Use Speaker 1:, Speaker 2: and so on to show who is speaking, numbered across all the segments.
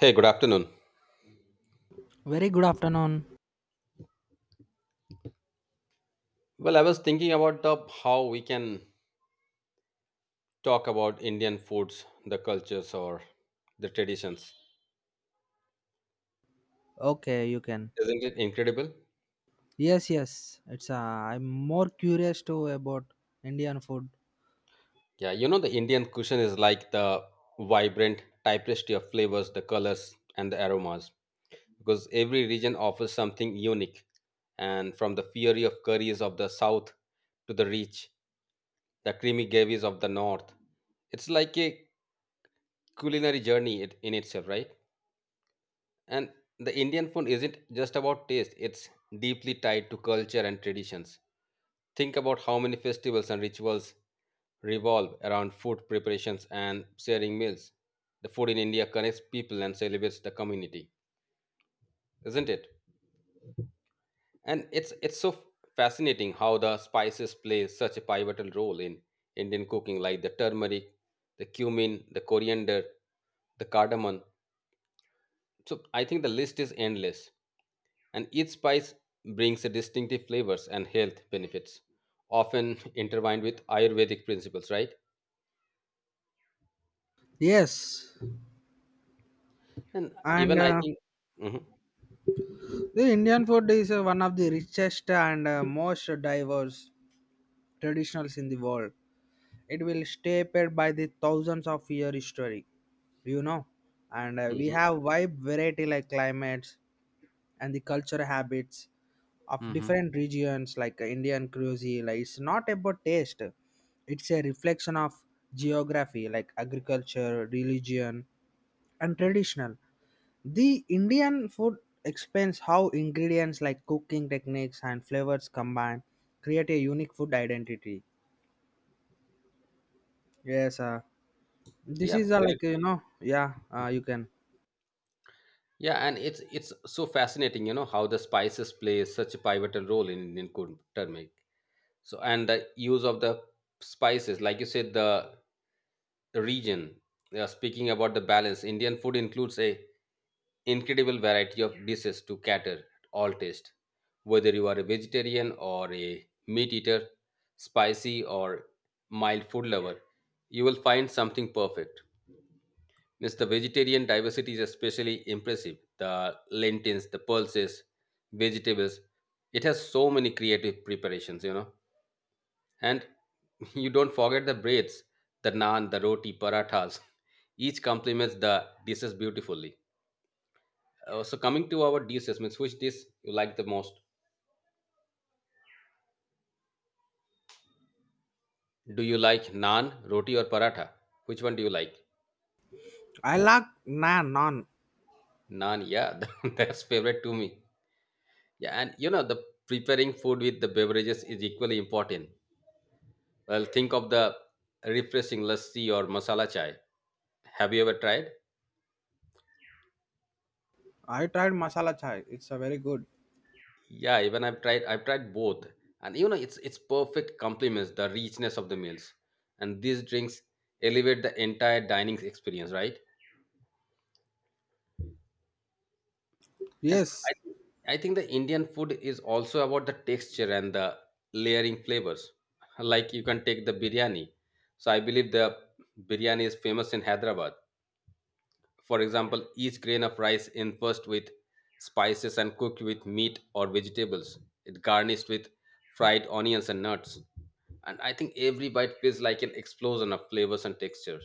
Speaker 1: Hey, good afternoon.
Speaker 2: Very good afternoon.
Speaker 1: Well, I was thinking about how we can talk about Indian foods, the cultures, or the traditions.
Speaker 2: Okay, you can.
Speaker 1: Isn't it incredible?
Speaker 2: Yes, yes. It's I'm more curious to about Indian food.
Speaker 1: Yeah, you know, the Indian cuisine is like the vibrant tapestry of flavors, the colors, and the aromas, because every region offers something unique. And from the fury of curries of the south to the rich, the creamy gravies of the north, it's like a culinary journey in itself, right? And the Indian food isn't just about taste, it's deeply tied to culture and traditions. Think about how many festivals and rituals revolve around food preparations and sharing meals. The food in India connects people and celebrates the community, isn't it? And it's so fascinating how the spices play such a pivotal role in Indian cooking, like the turmeric, the cumin, the coriander, the cardamom. So I think the list is endless. And each spice brings distinctive flavors and health benefits often intertwined with ayurvedic principles, right?
Speaker 2: Yes,
Speaker 1: And
Speaker 2: and
Speaker 1: even I
Speaker 2: uh,
Speaker 1: think. Mhm.
Speaker 2: the Indian food is one of the richest and most diverse traditionals in the world. It will stay by the thousands of year history, you know, and we
Speaker 1: mhm.
Speaker 2: have wide variety like climates and the cultural habits of
Speaker 1: hmm
Speaker 2: different regions like indian cuisine, like it's not about taste, it's a reflection of geography like agriculture, religion, and traditional. The indian food explains how ingredients like cooking techniques and flavors combine, create a unique food identity. Yes, this
Speaker 1: Yeah,
Speaker 2: is
Speaker 1: well,
Speaker 2: like you know, yeah, you can.
Speaker 1: yeah, and it's so fascinating, you know, how the spices play such a pivotal role in Indian cuisine. Turmeric. So and the use of the spices, like you said, the region. They are speaking about the balance. Indian food includes a incredible variety of dishes to cater all taste. Whether you are a vegetarian or a meat eater, spicy or mild food lover, you will find something perfect. Means the vegetarian diversity is especially impressive. The lentils, the pulses, vegetables. It has so many creative preparations, you know. And you don't forget the breads, the naan, the roti, parathas. Each complements the dishes beautifully. So coming to our dishes, means which dish you like the most? Do you like naan, roti, or paratha? Which one do you like?
Speaker 2: I like naan.
Speaker 1: Naan, yeah, that's favorite to me. Yeah, and you know the preparing food with the beverages is equally important. Well, think of the refreshing lassi or masala chai. Have you ever tried?
Speaker 2: I tried masala chai, it's a very good.
Speaker 1: Yeah, even I've tried both. And you know it's perfect complements the richness of the meals. And these drinks elevate the entire dining experience, right? And
Speaker 2: Yes,
Speaker 1: I think I think the Indian food is also about the texture and the layering flavors. Like you can take the biryani. So I believe the biryani is famous in Hyderabad. For example, each grain of rice infused with spices and cooked with meat or vegetables. It garnished with fried onions and nuts. And I think every bite feels like an explosion of flavors and textures.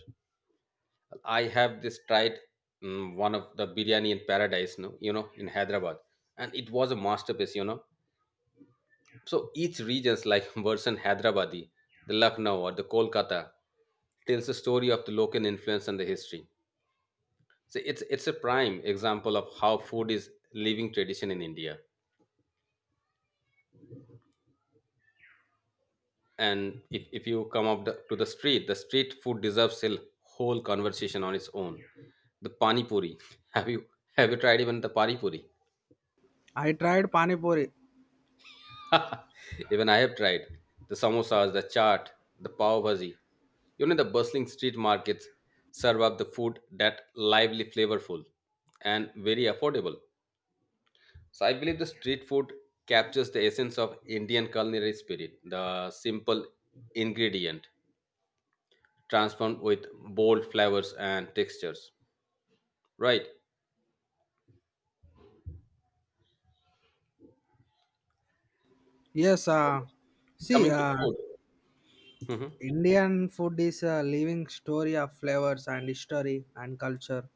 Speaker 1: I have this tried one of the biryani in paradise, no, you know, in Hyderabad, and it was a masterpiece, you know. So each region's like version Hyderabadi, the Lucknow or the Kolkata tells the story of the local influence and the history. So it's a prime example of how food is living tradition in India. And if you come up to the street food deserves a whole conversation on its own. The pani puri. Have you have you tried even the pani puri?
Speaker 2: I tried pani puri.
Speaker 1: Even I have tried the samosas, the chaat, the pav bhaji. You know the bustling street markets serve up the food that lively, flavorful, and very affordable. So I believe the street food captures the essence of Indian culinary spirit, the simple ingredient transformed with bold flavors and textures. Right.
Speaker 2: Yes,
Speaker 1: So
Speaker 2: see,
Speaker 1: coming to food. Mm-hmm.
Speaker 2: Indian food is a living story of flavors and history and culture,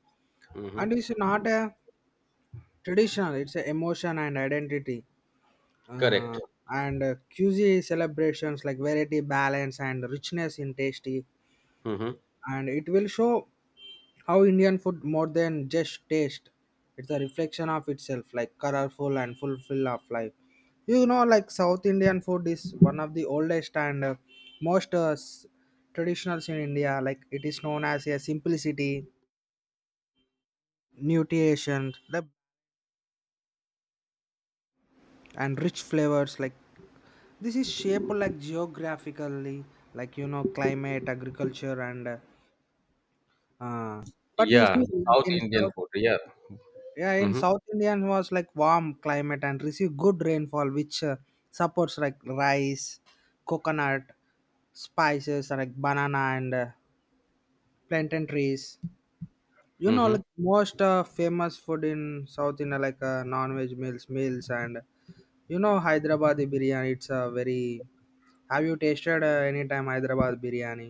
Speaker 1: Mm-hmm.
Speaker 2: and it's not a traditional; it's an emotion and identity. Uh,
Speaker 1: Correct.
Speaker 2: and Cuisine celebrations like variety, balance, and richness in tasty,
Speaker 1: Mm-hmm.
Speaker 2: and it will show how Indian food more than just taste. It's a reflection of itself, like colorful and fulfill of life. You know, like South Indian food is one of the oldest and most traditionals in India. Like it is known as a simplicity, nutrition, and rich flavors. Like this is shaped like geographically, like you know, climate, agriculture, and uh, but you see,
Speaker 1: Yeah.
Speaker 2: like
Speaker 1: South
Speaker 2: in
Speaker 1: Indian
Speaker 2: South,
Speaker 1: food. Yeah.
Speaker 2: yeah, in
Speaker 1: Mm-hmm.
Speaker 2: south indian was like warm climate and receive good rainfall which supports like rice, coconut, spices, and like banana and plantain trees. You know,
Speaker 1: Mm-hmm.
Speaker 2: like most famous food in south india like non-veg meals and you know Hyderabad biryani it's a very. Have you tasted any time hyderabad biryani?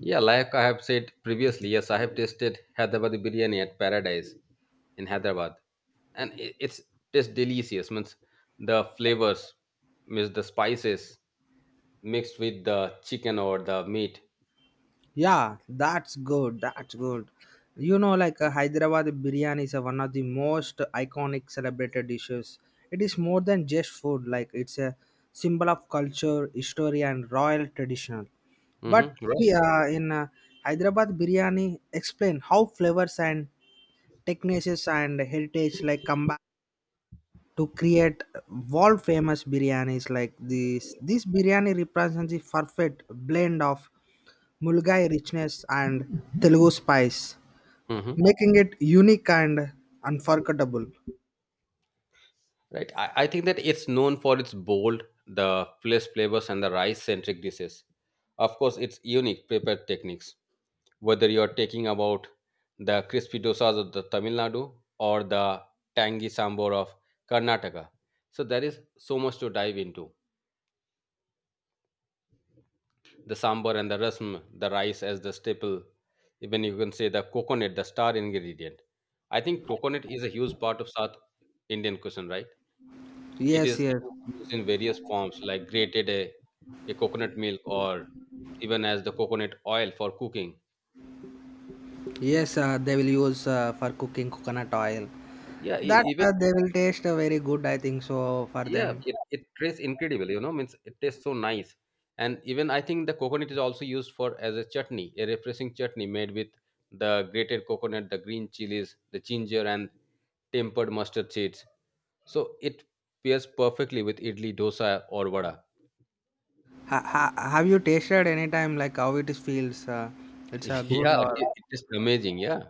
Speaker 1: Yeah, like I have said previously, yes, I have tasted Hyderabad biryani at Paradise in Hyderabad, and it's tastes delicious. Means the flavors, means the spices, mixed with the chicken or the meat.
Speaker 2: Yeah, that's good. That's good. You know, like Hyderabad biryani is one of the most iconic celebrated dishes. It is more than just food, like, it's a symbol of culture, history, and royal tradition. But
Speaker 1: Hmm.
Speaker 2: see,
Speaker 1: Right.
Speaker 2: in Hyderabad biryani, explain how flavors and techniques and heritage like come to create world famous biryanis like this. This biryani represents the perfect blend of Mulgai richness and Telugu spice,
Speaker 1: Hmm.
Speaker 2: making it unique and unforgettable.
Speaker 1: Right. I think that it's known for its bold, the flesh flavors, and the rice centric dishes. Of course, it's unique prepared techniques. Whether you're talking about the crispy dosas of the Tamil Nadu or the tangy sambar of Karnataka. So there is so much to dive into. The sambar and the rasam, the rice as the staple. Even you can say the coconut, the star ingredient. I think coconut is a huge part of South Indian cuisine, right? It
Speaker 2: Yes,
Speaker 1: is
Speaker 2: yes,
Speaker 1: used in various forms, like a coconut milk or even as the coconut oil for cooking.
Speaker 2: yes. They will use for cooking coconut oil.
Speaker 1: Yeah,
Speaker 2: That
Speaker 1: even.
Speaker 2: they will taste very good. I think so for
Speaker 1: Yeah,
Speaker 2: them.
Speaker 1: it tastes incredible, you know, means it tastes so nice. And even I think the coconut is also used for as a chutney, a refreshing chutney made with the grated coconut, the green chilies, the ginger and tempered mustard seeds. So it pairs perfectly with idli, dosa or vada.
Speaker 2: Have you tasted any time like how it is feels? It's a good
Speaker 1: Yeah,
Speaker 2: or
Speaker 1: it is amazing. Yeah.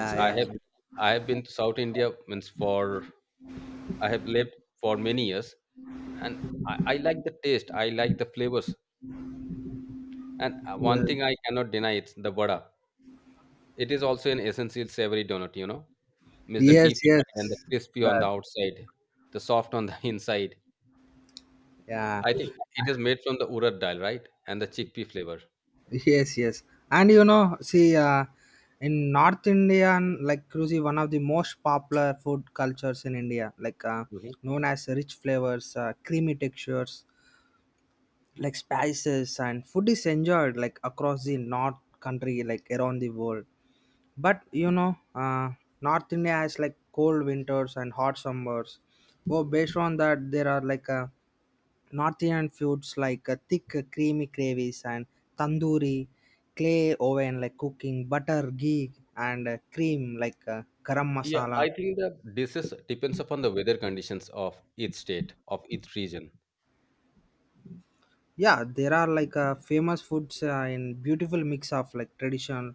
Speaker 1: Means I have
Speaker 2: yeah.
Speaker 1: I have been to South India means for I have lived for many years and I like the taste, I like the flavors. And
Speaker 2: Yeah.
Speaker 1: one thing I cannot deny it's the vada. It is also an essential savory donut, you know. Miss the
Speaker 2: Yes,
Speaker 1: deep
Speaker 2: yes.
Speaker 1: fried and the crispy on
Speaker 2: That,
Speaker 1: the outside, the soft on the inside.
Speaker 2: yeah,
Speaker 1: I think it is made from the urad dal, right? And the chickpea flavor.
Speaker 2: yes, yes, and you
Speaker 1: Yeah.
Speaker 2: know see in north indian like cruci one of the most popular food cultures in india like
Speaker 1: Mhm.
Speaker 2: known as rich flavors, creamy textures like spices, and food is enjoyed like across the north country like around the world. But you know north india has like cold winters and hot summers. Oh, based on that there are like Northern foods like thick, creamy gravies and tandoori, clay oven like cooking, butter, ghee, and cream like garam
Speaker 1: Yeah,
Speaker 2: masala.
Speaker 1: I think the dishes depends upon the weather conditions of each state, of each region.
Speaker 2: Yeah, there are like famous foods in beautiful mix of like traditional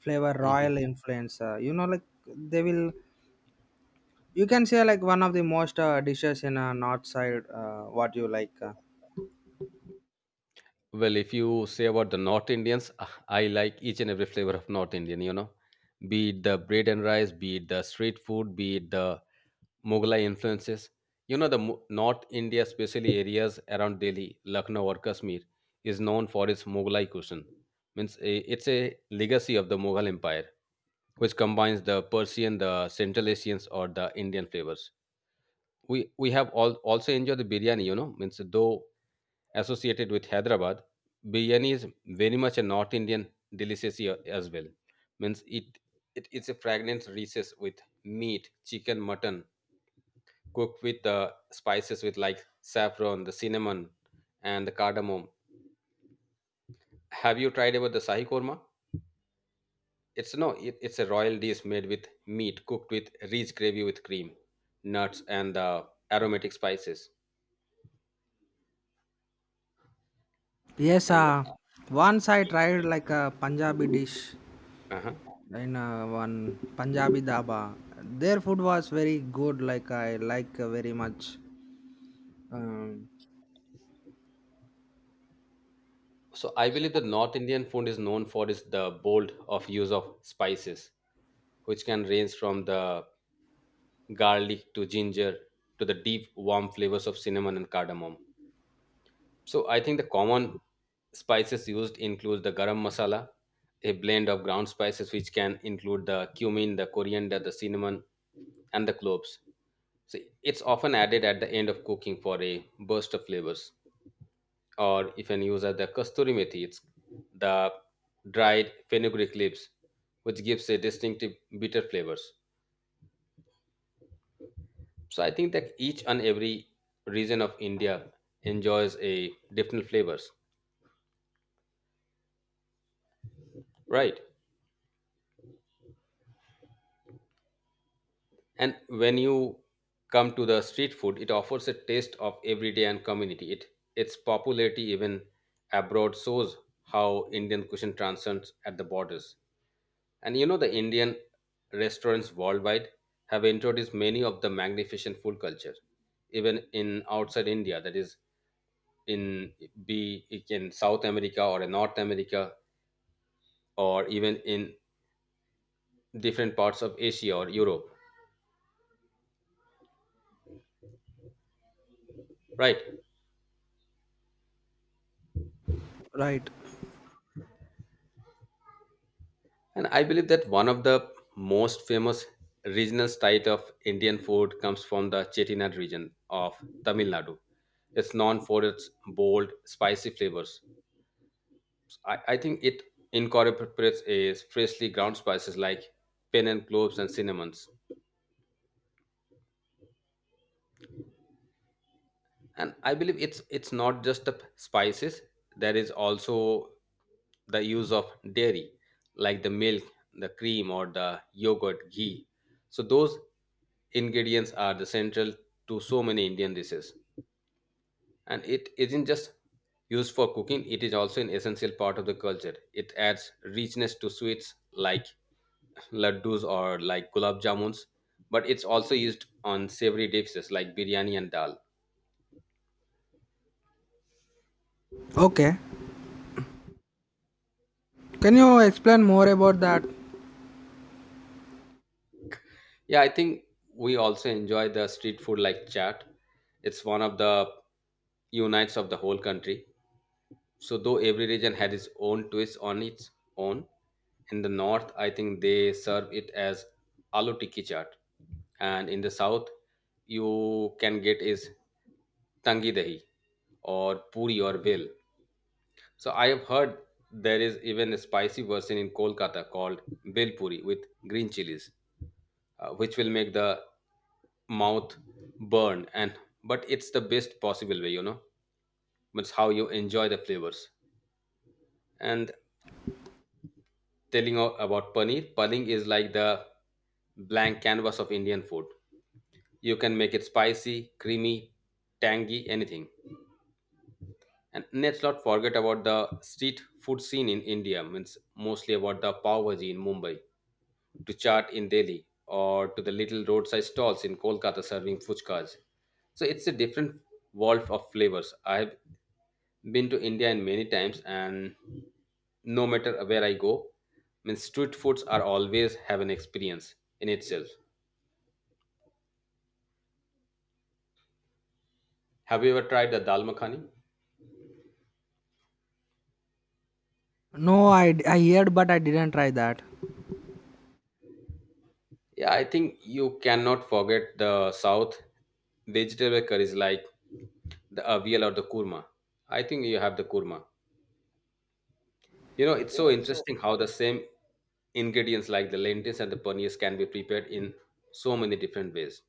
Speaker 2: flavor,
Speaker 1: Mhm.
Speaker 2: royal influence. You know, like they will. You can say like one of the most dishes in north side. What you like?
Speaker 1: Well, if you say about the North Indians, ah, I like each and every flavor of North Indian, you know, be it the bread and rice, be it the street food, be it the Mughal influences. You know, the North India, especially areas around Delhi, Lucknow, or Kashmir, is known for its Mughal cuisine. Means it's a legacy of the Mughal Empire, which combines the Persian, the Central Asians, or the Indian flavors. We have all also enjoyed the biryani. You know, means though associated with Hyderabad, biryani is very much a North Indian delicacy as well. Means it's a fragrance recess with meat, chicken, mutton, cooked with spices with like saffron, the cinnamon, and the cardamom. Have you tried about the sahi korma? It's no, it's a royal dish made with meat cooked with rich gravy with cream, nuts, and the aromatic spices.
Speaker 2: Yes,
Speaker 1: And
Speaker 2: once I tried like a Punjabi dish
Speaker 1: uh
Speaker 2: in one Punjabi dhaba. Their food was very good. Like I like very much. Um,
Speaker 1: so I believe the North Indian food is known for is the bold of use of spices, which can range from the garlic to ginger to the deep warm flavors of cinnamon and cardamom. So I think the common spices used include the garam masala, a blend of ground spices which can include the cumin, the coriander, the cinnamon, and the cloves. So it's often added at the end of cooking for a burst of flavors. Or if an user the kasturi methi, it's the dried fenugreek leaves, which gives a distinctive bitter flavors. So I think that each and every region of India enjoys a different flavors, right? And when you come to the street food, it offers a taste of everyday and community. It, its popularity even abroad shows how Indian cuisine transcends at the borders. And you know, the Indian restaurants worldwide have introduced many of the magnificent food culture, even in outside India, that is, in be it in South America or in North America, or even in different parts of Asia or Europe, right?
Speaker 2: right.
Speaker 1: And I believe that one of the most famous regional style of Indian food comes from the Chettinad region of Tamil Nadu. It's known for its bold, spicy flavors. I think it incorporates a freshly ground spices like pen and cloves and cinnamons. And I believe it's not just the spices, there is also the use of dairy like the milk, the cream or the yogurt ghee. So those ingredients are the central to so many Indian dishes, and it isn't just used for cooking, it is also an essential part of the culture. It adds richness to sweets like laddus or like gulab jamuns, but it's also used on savory dishes like biryani and dal.
Speaker 2: Okay. Can you explain more about that?
Speaker 1: Yeah, I think we also enjoy the street food like chat. It's one of the unites of the whole country. So though every region had its own twist on its own, in the north I think they serve it as aloo tikki chaat, and in the south you can get is tangi dahi or puri or bil. So I have heard there is even a spicy version in Kolkata called bel puri with green chilies, which will make the mouth burn and but it's the best possible way, you know, it's how you enjoy the flavors. And telling about paneer is like the blank canvas of Indian food. You can make it spicy, creamy, tangy, anything. And let's not forget about the street food scene in India, means mostly about the pav bhaji in Mumbai to chaat in Delhi or to the little roadside stalls in Kolkata serving fuchkas. So it's a different world of flavors. I've been to India and many times, and no matter where I go, means street foods are always have an experience in itself. Have you ever tried the dal makhani?
Speaker 2: No, I heard, but I didn't try that.
Speaker 1: Yeah, I think you cannot forget the South vegetable curries like the avial or the kurma. I think you have the kurma. You know, it's so interesting how the same ingredients like the lentils and the paneers can be prepared in so many different ways.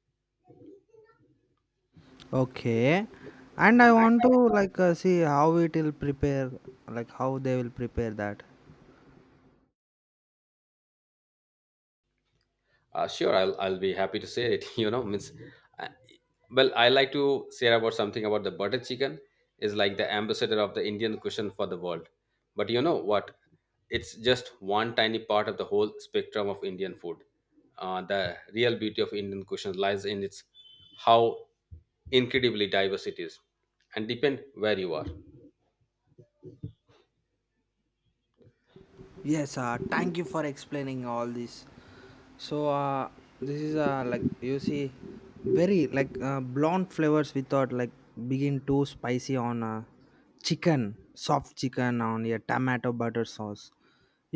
Speaker 2: Okay. And I want to like see how it will prepare, like how they will prepare that.
Speaker 1: Sure, I'll be happy to say it. You know, means, uh, well, I like to share about something about the butter chicken is like the ambassador of the Indian cuisine for the world. But you know what? It's just one tiny part of the whole spectrum of Indian food. The real beauty of Indian cuisine lies in its how incredibly diverse it is, and depend where you are.
Speaker 2: Yes, thank you for explaining all this. So, this is like you see, very like blonde flavors without like begin too spicy on chicken, soft chicken on your tomato butter sauce.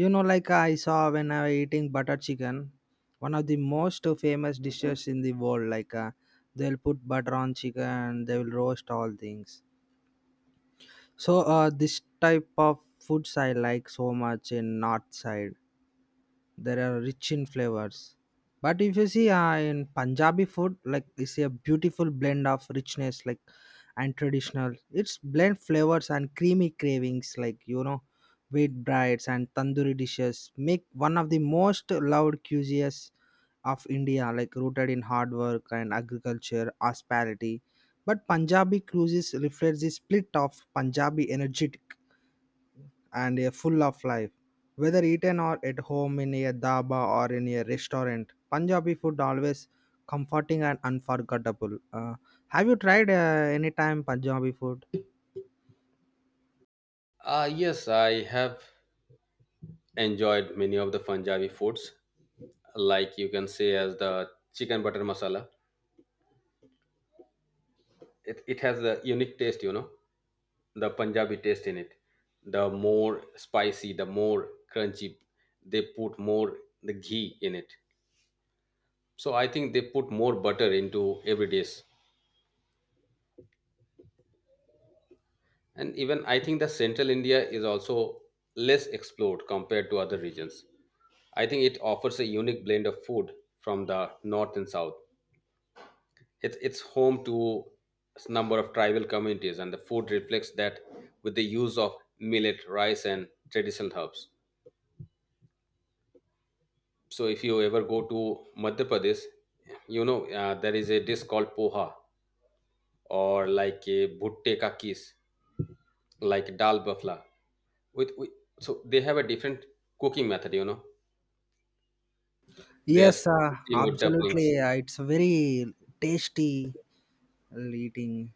Speaker 2: You know, like I saw when I was eating butter chicken, one of the most famous dishes in the world. Like they'll put butter on chicken, they will roast all things. So, this type of foods I like so much in north side. There are rich in flavors. But if you see in Punjabi food, like it's a beautiful blend of richness, like and traditional. It's blend flavors and creamy cravings, like you know, wheat brides and tandoori dishes make one of the most loved cuisines of India, like rooted in hard work and agriculture, hospitality. But Punjabi cuisines reflects the split of Punjabi energy and a full of life. Whether eaten or at home in a dhaba or in a restaurant, Punjabi food always comforting and unforgettable. Have you tried any time Punjabi food?
Speaker 1: Yes, I have enjoyed many of the Punjabi foods, like you can say as the chicken butter masala. It has a unique taste, you know, the Punjabi taste in it. The more spicy, the more crunchy, they put more the ghee in it. So I think they put more butter into every dish. And even I think the central India is also less explored compared to other regions. I think it offers a unique blend of food from the north and south. It's home to a number of tribal communities, and the food reflects that with the use of millet, rice, and traditional herbs. So, if you ever go to Madhya Pradesh, you know there is a dish called poha or like a bhutte ka kis, like dal bafla. With so they have a different cooking method. You know, they are
Speaker 2: Yes,
Speaker 1: steamed with dumplings.
Speaker 2: absolutely. It's very tasty eating.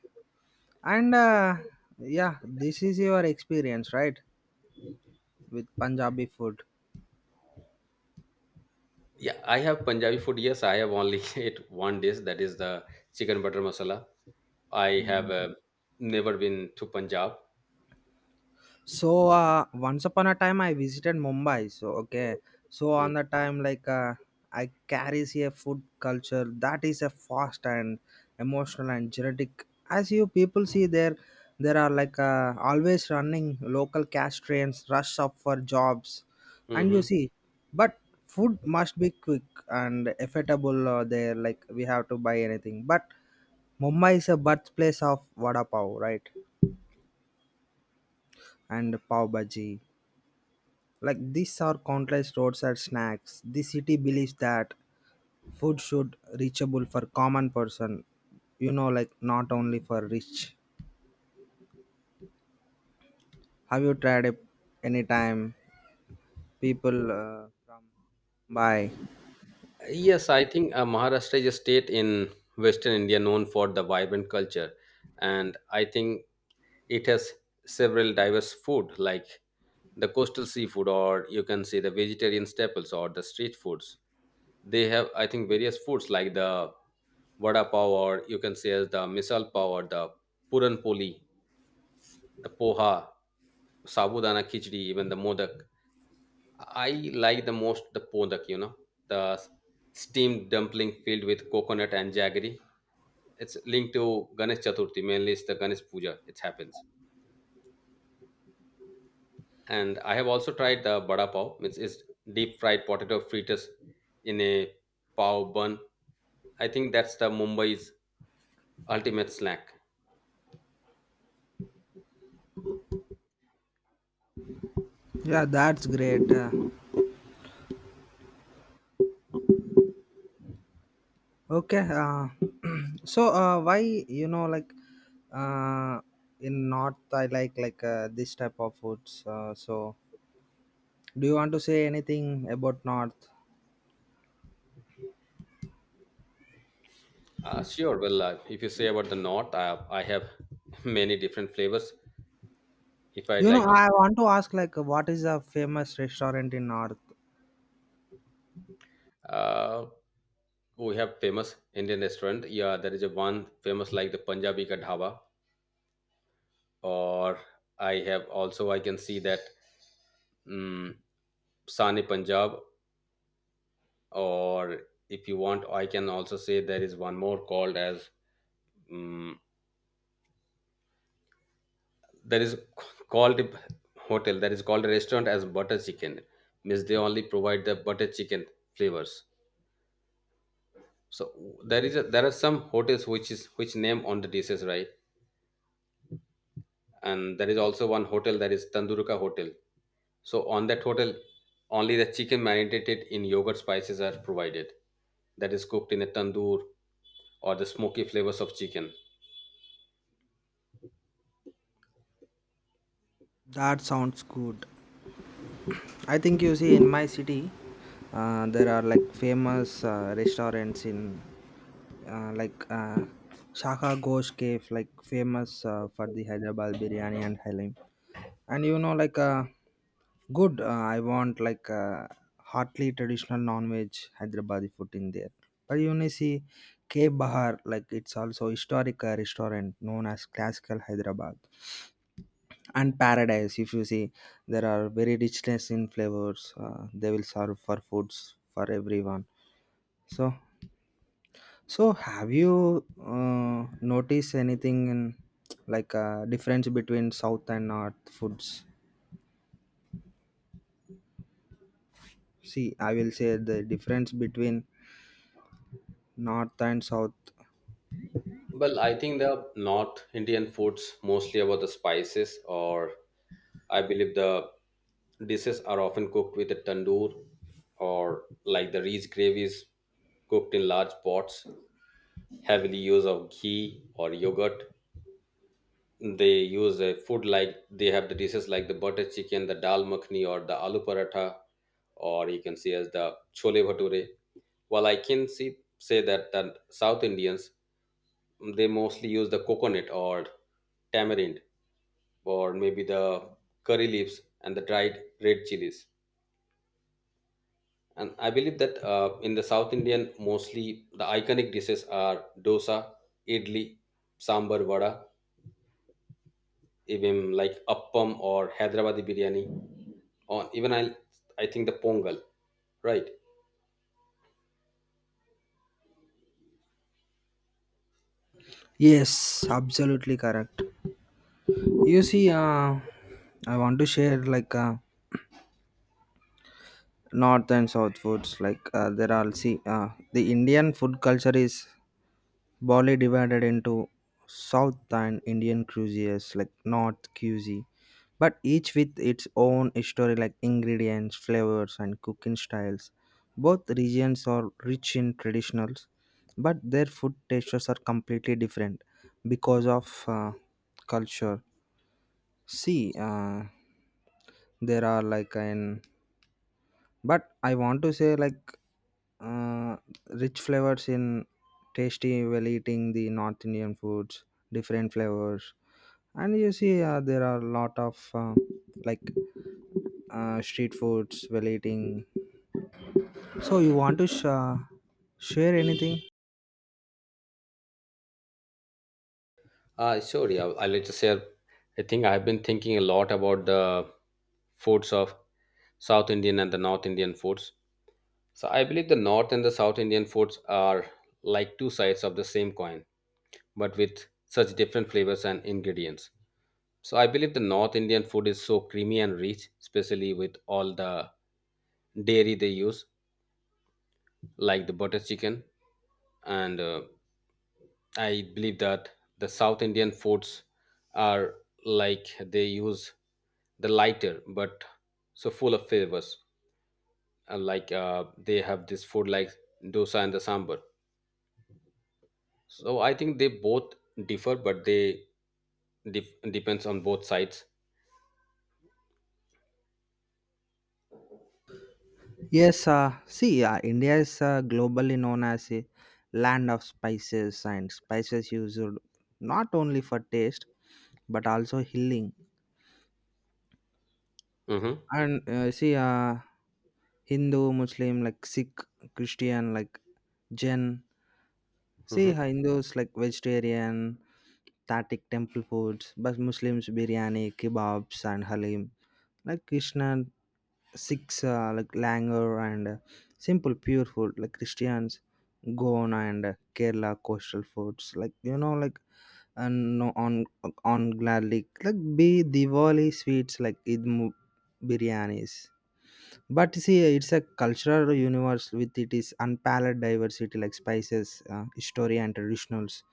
Speaker 2: And yeah, this is your experience, right, with Punjabi food?
Speaker 1: Yeah, I have Punjabi food. Yes, I have only ate one dish that is the chicken butter masala. I have never been to Punjab.
Speaker 2: So once upon a time I visited Mumbai. So okay, so on the time like I carries a food culture that is a fast and emotional and genetic. As you people see there, there are like always running local cash trains, rush up for jobs, and you
Speaker 1: Mm-hmm.
Speaker 2: see, but food must be quick and affordable. There like we have to buy anything, but Mumbai is a birthplace of vada pav, right? And pav bhaji. Like these are countless roadside snacks. The city believes that food should reachable for common person, you know, like not only for rich. Have you tried it anytime? People from Mumbai.
Speaker 1: Yes, I think Maharashtra is a state in Western India known for the vibrant culture, and I think it has several diverse food like the coastal seafood, or you can say the vegetarian staples or the street foods. They have, I think, various foods like the vada pav, or you can say as the misal pav, or the puran poli, the poha, sabudana khichdi, even the modak. I like the most the pondak, you know, the steamed dumpling filled with coconut and jaggery. It's linked to Ganesh Chaturthi, mainly it's the Ganesh Puja. It happens. And I have also tried the bada pav, which is deep fried potato fritters in a pav bun. I think that's the Mumbai's ultimate snack.
Speaker 2: Yeah, that's great. Okay. So why you know like uh, in North I like this type of foods. So do you want to say anything about North?
Speaker 1: Sure. Well, if you say about the north, I have many different flavors. If I'd
Speaker 2: You know,
Speaker 1: like to,
Speaker 2: I want to ask like what is a famous restaurant in North?
Speaker 1: uh, we have famous Indian restaurant. Yeah, there is a one famous like the Punjabi ka dhaba, or I have also I can see that um, Sani Punjab, or if you want, I can also say there is one more called as um, there is called a hotel. There is called a restaurant as butter chicken means they only provide the butter chicken flavors. So there are some hotels which is which name on the dishes, right? And there is also one hotel that is tanduruka hotel. So on that hotel, only the chicken marinated in yogurt spices are provided. That is cooked in a tandoor or the smoky flavors of chicken.
Speaker 2: That sounds good. I think you see in my city, there are like famous restaurants in like Shaka Ghosh Cave, like famous for the Hyderabad biryani and halim. And you know, like good. I want like hotly traditional non-veg Hyderabadi food in there. But you may see Cave Bahar, like it's also historic restaurant known as classical Hyderabad and paradise. If you see, there are very richness in flavors. They will serve for foods for everyone. So so, have you noticed anything in like a difference between South and North foods? See, I will say the difference between North and South.
Speaker 1: Well, I think the North Indian foods mostly about the spices, or I believe the dishes are often cooked with a tandoor, or like the rich gravies cooked in large pots, heavily use of ghee or yogurt, they use a food like they have the dishes like the butter chicken, the dal makhni or the aloo paratha or you can see as the chole bhature, while I can see say that the south Indians they mostly use the coconut or tamarind or maybe the curry leaves and the dried red chilies, and I believe that in the south Indian mostly the iconic dishes are dosa, idli, sambar vada, even like appam or Hyderabadi biryani, or I think the pongal, right?
Speaker 2: Yes, absolutely correct. You see, I want to share like North and South foods. Like there are, see, the Indian food culture is Bali divided into South and Indian cuisines like North cuisine, but each with its own history like ingredients, flavors, and cooking styles. Both regions are rich in traditionals, but their food tastes are completely different because of culture. See, there are like an, but I want to say like uh, rich flavors in tasty while eating the North Indian foods, different flavors, and you see there are a lot of like street foods while eating. So you want to share anything?
Speaker 1: Sure, yeah. I'll like to share. I think I've been thinking a lot about the foods of South Indian and the North Indian foods. So I believe the North and the South Indian foods are like two sides of the same coin, but with such different flavors and ingredients. So I believe the North Indian food is so creamy and rich, especially with all the dairy they use, like the butter chicken. And I believe that the South Indian foods are like they use the lighter but so full of flavors. They have this food like dosa and the sambar. So I think they both differ, but they depends on both sides.
Speaker 2: Yes. See, India is globally known as a land of spices, and spices used not only for taste but also healing.
Speaker 1: Hmm.
Speaker 2: And see, Hindu, Muslim, like Sikh, Christian, like Jain. See,
Speaker 1: Hmm.
Speaker 2: Hindus like vegetarian, Tatic temple foods, but Muslims biryani, kebabs, and halim. Like Krishna, Sikhs like langar and simple pure food. Like Christians, Goan and Kerala coastal foods. Like you know, like and no on gladly like be Diwali sweets like Idmu biryanis. But see, it's a cultural universe with it is unparalleled diversity like spices, history, and traditionals.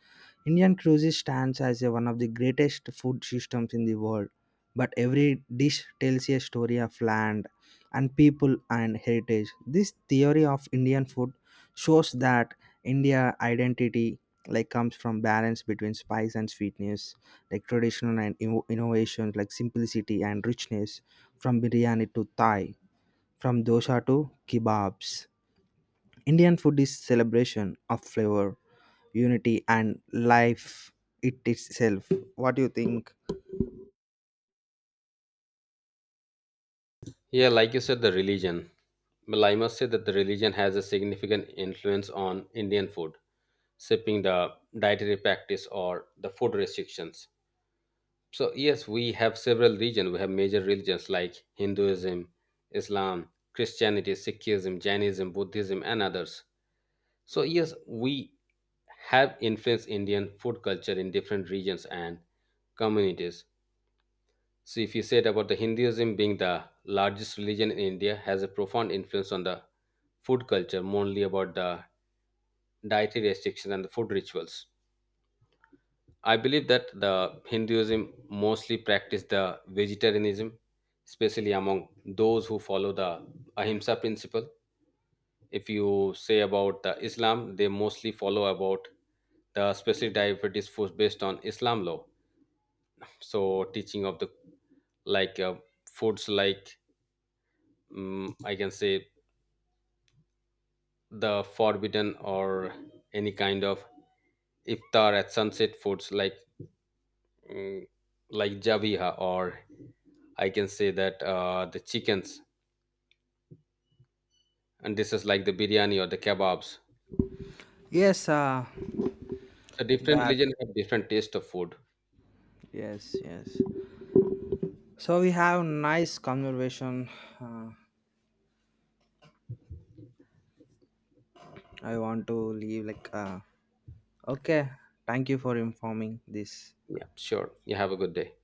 Speaker 2: Indian cuisine stands as a one of the greatest food systems in the world. But every dish tells a story of land and people and heritage. This theory of Indian food shows that India identity like comes from balance between spice and sweetness, like traditional and innovations like simplicity and richness, from biryani to Thai, from dosa to kebabs. Indian food is celebration of flavor, unity, and life it itself. What do you think?
Speaker 1: Yeah, like you said, the religion, well, I must say that the religion has a significant influence on Indian food, shaping the dietary practice or the food restrictions. So yes, we have several regions. We have major religions like Hinduism, Islam, Christianity, Sikhism, Jainism, Buddhism, and others. So yes, we have influenced Indian food culture in different regions and communities. So if you said about the Hinduism being the largest religion in India, has a profound influence on the food culture, mainly about the dietary restrictions and the food rituals. I believe that the Hinduism mostly practiced the vegetarianism, especially among those who follow the Ahimsa principle. If you say about the Islam, they mostly follow about the specific diabetes foods based on Islam law. So teaching of the like foods like mm I can say the forbidden or any kind of iftar at sunset foods like mm, like javiha, or I can say that the chickens and this is like the biryani or the kebabs.
Speaker 2: Yes,
Speaker 1: So different
Speaker 2: that.
Speaker 1: religion have different taste of food.
Speaker 2: Yes, yes. So we have nice conversation. Uh, I want to leave like. Okay, thank you for informing this.
Speaker 1: Yeah, sure, you have a good day.